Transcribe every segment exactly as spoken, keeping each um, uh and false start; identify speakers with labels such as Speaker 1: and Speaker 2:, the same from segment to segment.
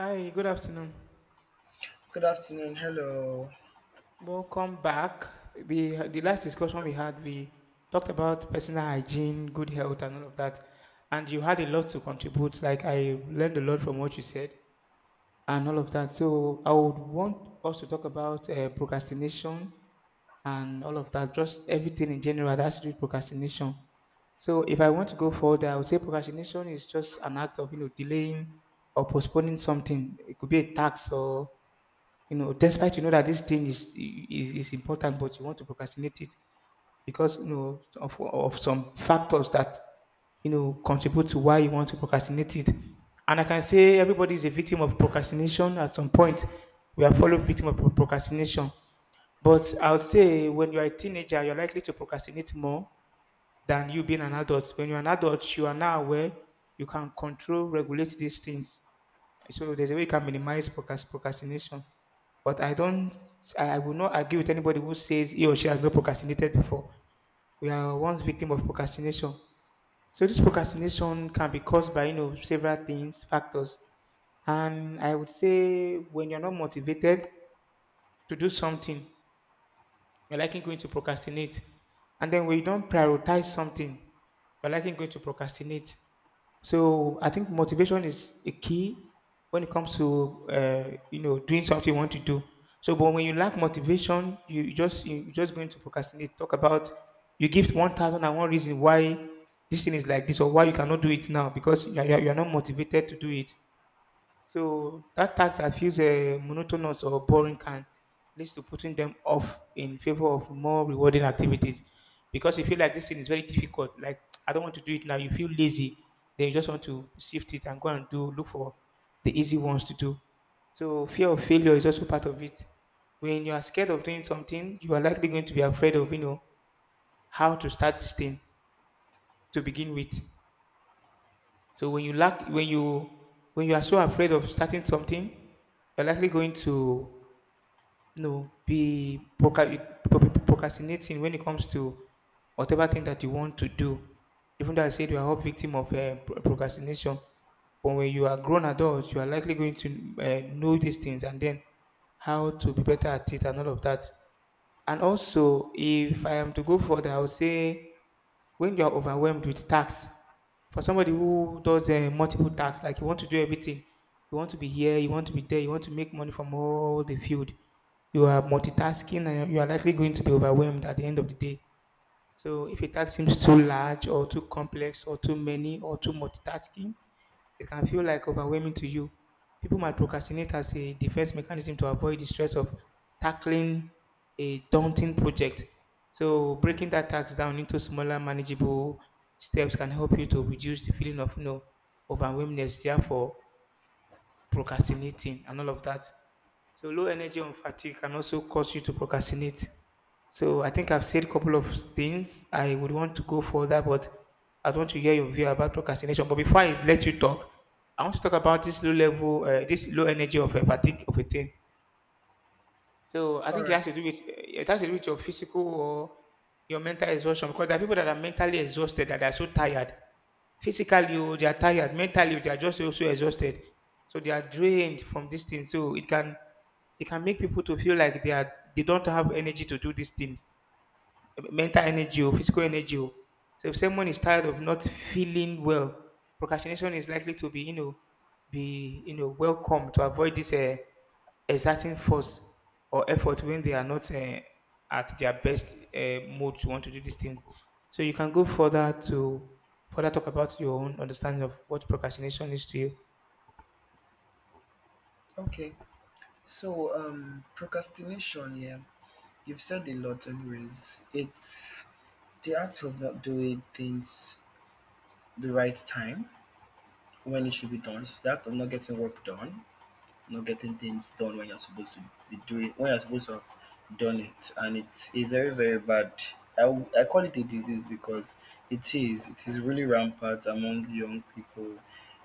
Speaker 1: Hi, good afternoon.
Speaker 2: Good afternoon. Hello.
Speaker 1: Welcome back. We the last
Speaker 2: It's
Speaker 1: discussion
Speaker 2: a-
Speaker 1: we had, we talked about personal hygiene, good health, and all of that. And you had a lot to contribute. Like I learned a lot from what you said and all of that. So I would want us to talk about uh, procrastination and all of that. Just everything in general that has to do with procrastination. So if I want to go further, I would say procrastination is just an act of you know delaying or postponing something. It could be a tax or You know, despite you know that this thing is is, is important, but you want to procrastinate it because you know of, of some factors that you know contribute to why you want to procrastinate it. And I can say everybody is a victim of procrastination at some point. We are following victim of pro- procrastination. But I would say when you are a teenager, you're likely to procrastinate more than you being an adult. When you're an adult, you are now aware you can control, regulate these things. So there's a way you can minimize procrast- procrastination. But I don't, I I will not agree with anybody who says he or she has not procrastinated before. We are once victim of procrastination. So this procrastination can be caused by, you know, several things, factors. And I would say when you're not motivated to do something, you're likely going to procrastinate. And then when you don't prioritize something, you're likely going to procrastinate. So I think motivation is a key when it comes to uh, you know doing something you want to do. So, but when you lack motivation, you you just you- you're just going to procrastinate. Talk about you give one thousand and one reason why this thing is like this or why you cannot do it now because you are, you are you are not motivated to do it. So that task that feels uh, monotonous or boring can lead to putting them off in favor of more rewarding activities because you feel like this thing is very difficult. Like I don't want to do it now. You feel lazy, then you just want to shift it and go and do look for the easy ones to do. So fear of failure is also part of it. When you are scared of doing something, you are likely going to be afraid of you know how to start this thing to begin with. So when you lack, when you when you are so afraid of starting something, you're likely going to you know be proca- proc- procrastinating when it comes to whatever thing that you want to do. Even though I said you are all victim of uh, pro- procrastination, but when you are grown adults, you are likely going to uh, know these things and then how to be better at it and all of that. And also, if I am to go further, I would say when you are overwhelmed with tasks, for somebody who does uh, multiple tasks, like you want to do everything, you want to be here, you want to be there, you want to make money from all the field, you are multitasking and you are likely going to be overwhelmed at the end of the day. So if a task seems too large or too complex or too many or too multitasking, it can feel like overwhelming to you. People might procrastinate as a defense mechanism to avoid the stress of tackling a daunting project. So breaking that task down into smaller manageable steps can help you to reduce the feeling of you know overwhelmness. Therefore, procrastinating and all of that. So low energy and fatigue can also cause you to procrastinate. So I think I've said a couple of things. I would want to go further, but I want to hear your view about procrastination. But before I let you talk, I want to talk about this low level, uh, this low energy of a fatigue of a thing. So I
Speaker 2: All
Speaker 1: think it
Speaker 2: right.
Speaker 1: has to do with it has to do with your physical or your mental exhaustion because there are people that are mentally exhausted that are so tired. Physically, oh, they are tired. Mentally, they are just also exhausted. So they are drained from this thing. So it can it can make people to feel like they are they don't have energy to do these things mental energy or physical energy. Or. So if someone is tired of not feeling well, procrastination is likely to be, you know, be you know welcome to avoid this uh, exerting force or effort when they are not uh, at their best uh, mode to want to do these things. So you can go further to further talk about your own understanding of what procrastination is to you.
Speaker 2: Okay. So, um, procrastination. Yeah, you've said a lot. Anyways, it's the act of not doing things the right time when it should be done. It's the act of not getting work done. Not getting things done when you're supposed to be doing when you're supposed to have done it, and it's a very very bad— I, w- I call it a disease because it is it is really rampant among young people,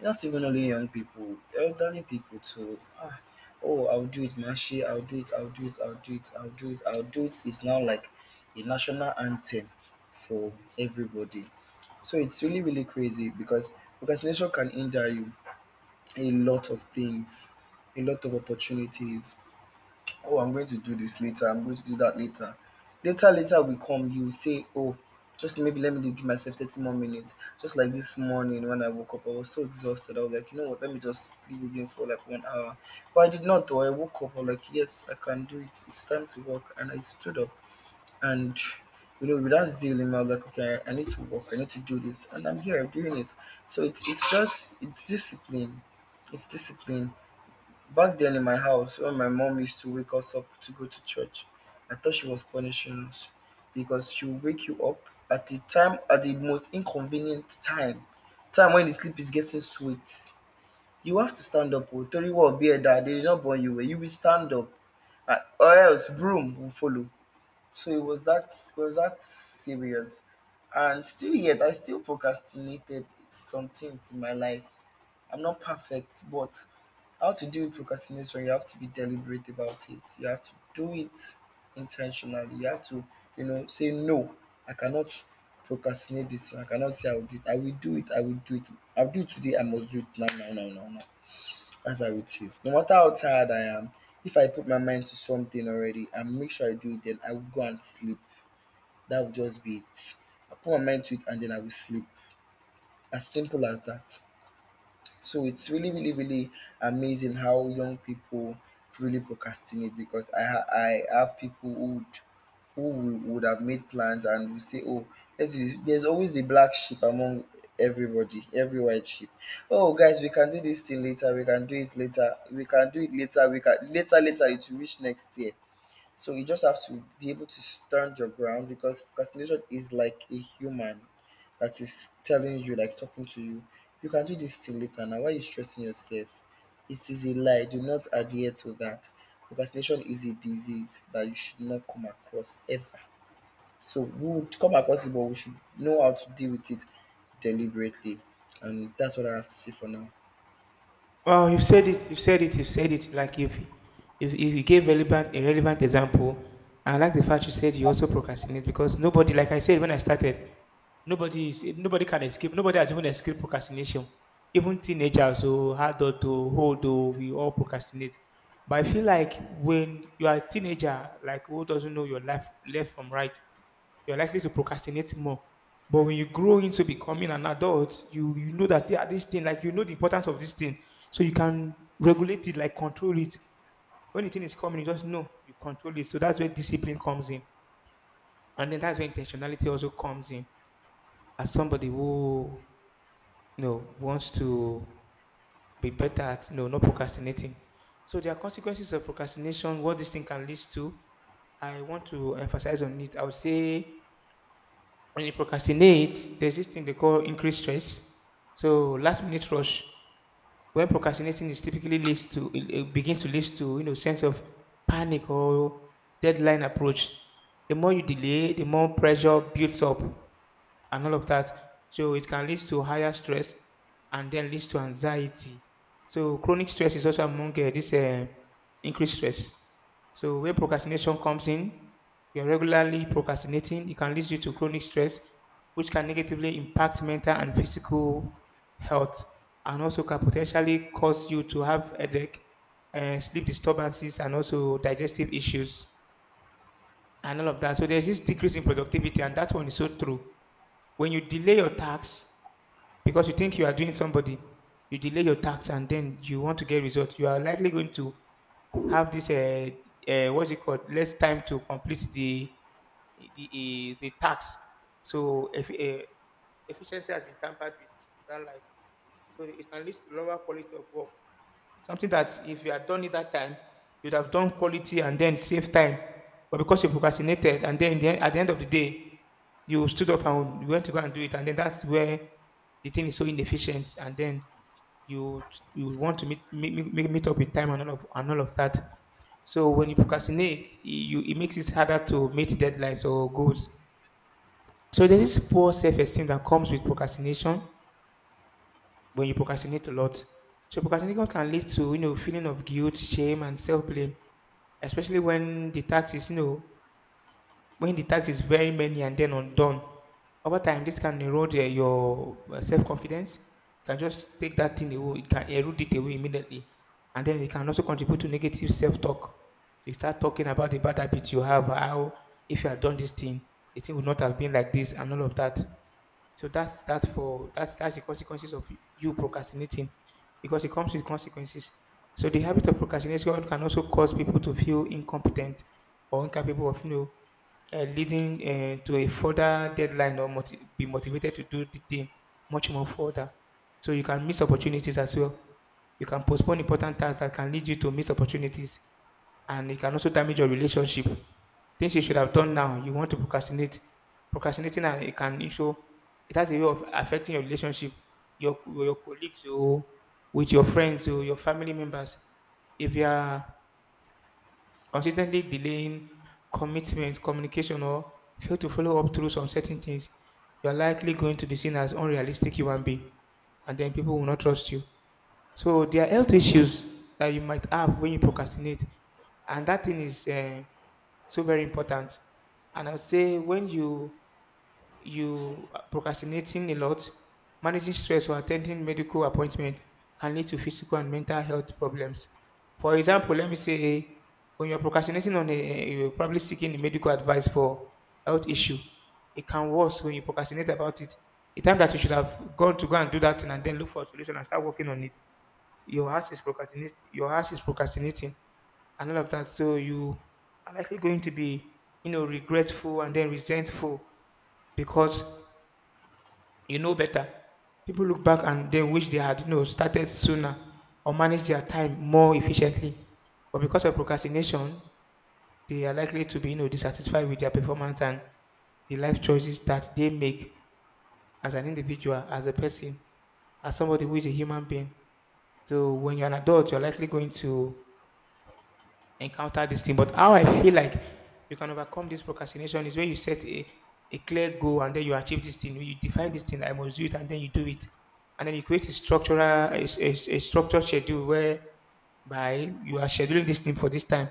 Speaker 2: not even only young people, elderly people too. Ah, oh, I'll do it mashi, I'll do it, I'll do it, I'll do it, I'll do it, I'll do it. It is now like a national anthem for everybody. So it's really really crazy because procrastination can injure you a lot of things, a lot of opportunities. Oh, I'm going to do this later. I'm going to do that later. Later, later we come, you will say, oh, just maybe let me give myself thirty more minutes. Just like this morning when I woke up, I was so exhausted. I was like, you know what, let me just sleep again for like one hour. But I did not, though. I woke up, I was like, yes, I can do it. It's time to work. And I stood up and you know with that zeal in my like, okay, I, I need to work, I need to do this, and I'm here doing it. So it's it's just it's discipline. It's discipline. Back then in my house when my mom used to wake us up to go to church, I thought she was punishing us because she would wake you up at the time, at the most inconvenient time time when the sleep is getting sweet. You have to stand up. O tori wa obi eda, they did not born you well, you will stand up, and or else broom will follow. So it was that it was that serious. And still yet I still procrastinated some things in my life. I'm not perfect, but how to deal with procrastination, you have to be deliberate about it. You have to do it intentionally. You have to, you know, say no, I cannot procrastinate this. I cannot say I will do it. I will do it. I will do it. I'll do it today. I must do it now, now, now, now, now. That's how it is. No matter how tired I am, if I put my mind to something already and make sure I do it, then I will go and sleep. That will just be it. I put my mind to it and then I will sleep. As simple as that. So it's really, really, really amazing how young people really procrastinate because I ha- I have people who would who would would have made plans and would say, oh, there's, this- there's always a black sheep among everybody, every white sheep. Oh, guys, we can do this thing later. We can do it later. We can do it later. We can later, later. It will reach next year. So you just have to be able to stand your ground because procrastination is like a human that is telling you, like talking to you, you can do this thing later. Now, why are you stressing yourself? It is a lie. Do not adhere to that. Procrastination is a disease that you should not come across ever. So we would come across it, but we should know how to deal with it deliberately. And that's what I have to say for now.
Speaker 1: Oh, you've said it. You've said it. You've said it. Like you've, if if you gave relevant a relevant example, I like the fact you said you also procrastinate because nobody, like I said when I started, nobody is nobody can escape. Nobody has even escaped procrastination. Even teenagers who hard to hold, oh, we all procrastinate. But I feel like when you are a teenager, like who doesn't know your life left from right, you're likely to procrastinate more. But when you grow into becoming an adult, you you know that yeah, this thing, like you know the importance of this thing, so you can regulate it, like control it. When the thing is coming, you just know you control it. So that's where discipline comes in, and then that's where intentionality also comes in. As somebody who you know wants to be better at you know not procrastinating, so there are consequences of procrastination. What this thing can lead to, I want to emphasize on it. I would say when you procrastinate, there's this thing they call increased stress. So last minute rush. When procrastinating is typically leads to it it begins to lead to you know sense of panic or deadline approach. The more you delay, the more pressure builds up and all of that. So it can lead to higher stress and then leads to anxiety. So chronic stress is also among uh, this uh, increased stress. So where procrastination comes in, you're regularly procrastinating. It can lead you to chronic stress, which can negatively impact mental and physical health, and also can potentially cause you to have headache, and sleep disturbances, and also digestive issues, and all of that. So there's this decrease in productivity, and that one is so true. When you delay your tasks because you think you are doing somebody, you delay your tasks, and then you want to get results. You are likely going to have this uh, uh what's it called less time to complete the the uh, the task so if, uh, efficiency has been tampered with in that light so it can lead to lower quality of work. Something that if you had done it that time, you'd have done quality and then save time. But because you procrastinated, and then in the end, at the end of the day, you stood up and you went to go and do it, and then that's where the thing is so inefficient, and then you you want to meet meet, meet, meet up with time and all of and all of that. So when you procrastinate, you it makes it harder to meet deadlines or goals. So there's this poor self-esteem that comes with procrastination when you procrastinate a lot. So procrastination can lead to you know feeling of guilt, shame, and self blame, especially when the task is you know when the task is very many and then undone. Over time, this can erode eh, your self confidence. Can just take that thing away. It can erode it away immediately, and then it can also contribute to negative self talk. You start talking about the bad habit you have, how if you had done this thing, the thing would not have been like this, and all of that. So that's that's for that's that's the consequences of you procrastinating, because it comes with consequences. So the habit of procrastination can also cause people to feel incompetent or incapable of you know, uh, leading uh, to a further deadline or moti- be motivated to do the thing much more further. So you can miss opportunities as well. You can postpone important tasks that can lead you to miss opportunities, and it can also damage your relationship. Things you should have done now, you want to procrastinate. Procrastinating and it can show it has a way of affecting your relationship, your with your colleagues, or with your friends, or your family members. If you are consistently delaying commitment, communication, or fail to follow up through some certain things, you are likely going to be seen as unrealistic human being, and then people will not trust you. So there are health issues that you might have when you procrastinate, and that thing is uh, so very important. And I would say when you you are procrastinating a lot, managing stress or attending medical appointment can lead to physical and mental health problems. For example, let me say when you're procrastinating on a you're probably seeking medical advice for health issue, it can worse when you procrastinate about it. The time that you should have gone to go and do that thing and then look for a solution and start working on it your house is procrastinating. Your house is procrastinating and all of that. So you are likely going to be, you know, regretful and then resentful because you know better. People look back and they wish they had, you know, started sooner or managed their time more efficiently. But because of procrastination, they are likely to be, you know, dissatisfied with their performance and the life choices that they make as an individual, as a person, as somebody who is a human being. So when you're an adult, you're likely going to encounter this thing. But how I feel like you can overcome this procrastination is when you set a, a clear goal and then you achieve this thing. You define this thing, I must do it, and then you do it. And then you create a structural, a, a, a structured schedule where by you are scheduling this thing for this time.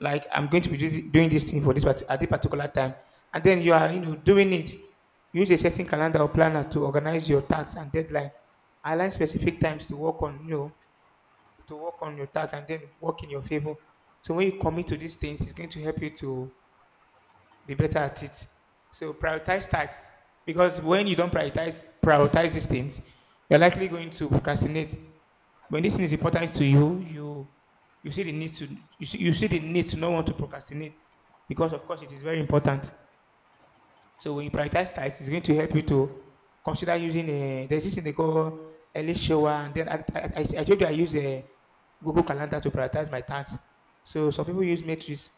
Speaker 1: Like I'm going to be do- doing this thing for this part- at this particular time, and then you are you know doing it. Use a certain calendar or planner to organize your tasks and deadline. Align specific times to work on you know to work on your task and then work in your favor. So when you commit to these things, it's going to help you to be better at it. So prioritize tasks because when you don't prioritize prioritize these things, you're likely going to procrastinate. When this thing is important to you, you you see the need to you see, you see the need to not want to procrastinate because of course it is very important. So when you prioritize tasks, it's going to help you to consider using a there's this thing they call early shower, and then I, I, I I told you I use a Google Calendar to prioritize my tasks. So some people use matrix.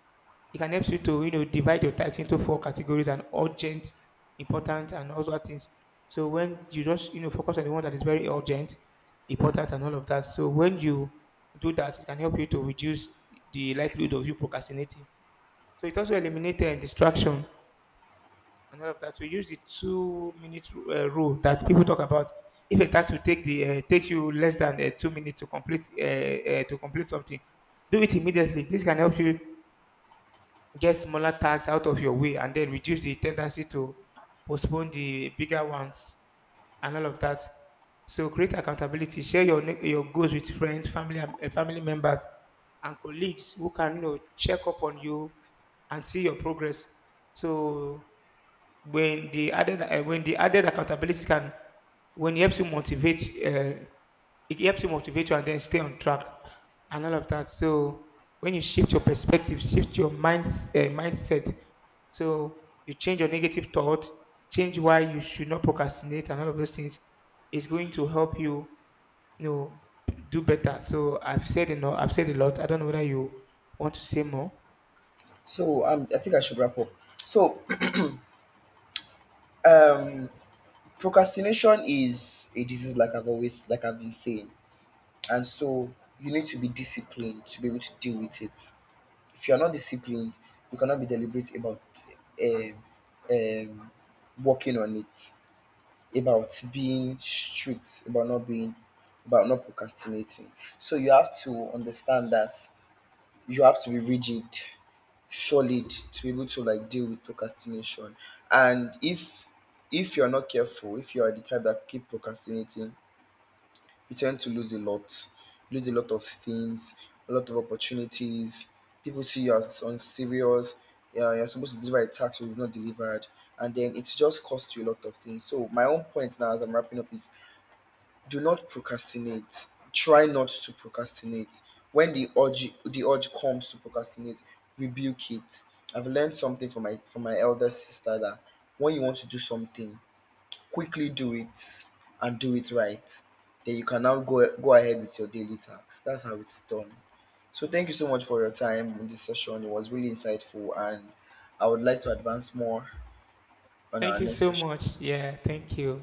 Speaker 1: It can help you to you know divide your tasks into four categories and urgent, important, and all those things. So when you just you know focus on the one that is very urgent, important, and all of that. So when you do that, it can help you to reduce the likelihood of you procrastinating. So it also eliminates uh, distraction and all of that. So use the two minute uh, rule that people talk about. If a task will take the uh, takes you less than uh, two minutes to complete uh, uh, to complete something, do it immediately. This can help you get smaller tasks out of your way and then reduce the tendency to postpone the bigger ones and all of that. So create accountability. Share your ne- your goals with friends, family, and- uh, family members, and colleagues who can you know check up on you and see your progress. So when the added uh, when the added accountability can when it helps you motivate uh, it helps you motivate you and then stay on track and all of that. So when you shift your perspective, shift your mind uh, mindset, so you change your negative thought, change why you should not procrastinate, and all of those things is going to help you you know do better. So I've said enough. I've said a lot. I don't know whether you want to say more.
Speaker 2: So um, I think I should wrap up. So procrastination is a disease, like I've always, like I've been saying. And so you need to be disciplined to be able to deal with it. If you're not disciplined, you cannot be deliberate about um, um, working on it, about being strict about not being about not procrastinating. So you have to understand that you have to be rigid, solid, to be able to like deal with procrastination. And if if you're not careful, if you are the type that keep procrastinating, you tend to lose a lot, lose a lot of things, a lot of opportunities. People see you as unserious. Yeah, you're supposed to deliver a tax you've not delivered, and then it's just cost you a lot of things. So my own point now, as I'm wrapping up, is do not procrastinate. Try not to procrastinate. When the urge the urge comes to procrastinate, rebuke it. I've learned something from my from my elder sister that when you want to do something, quickly do it and do it right. Then you can now go go ahead with your daily tasks. That's how it's done. So thank you so much for your time in this session. It was really insightful, and I would like to advance more on
Speaker 1: Thank
Speaker 2: our
Speaker 1: you
Speaker 2: next
Speaker 1: so
Speaker 2: session.
Speaker 1: much. Yeah, thank you.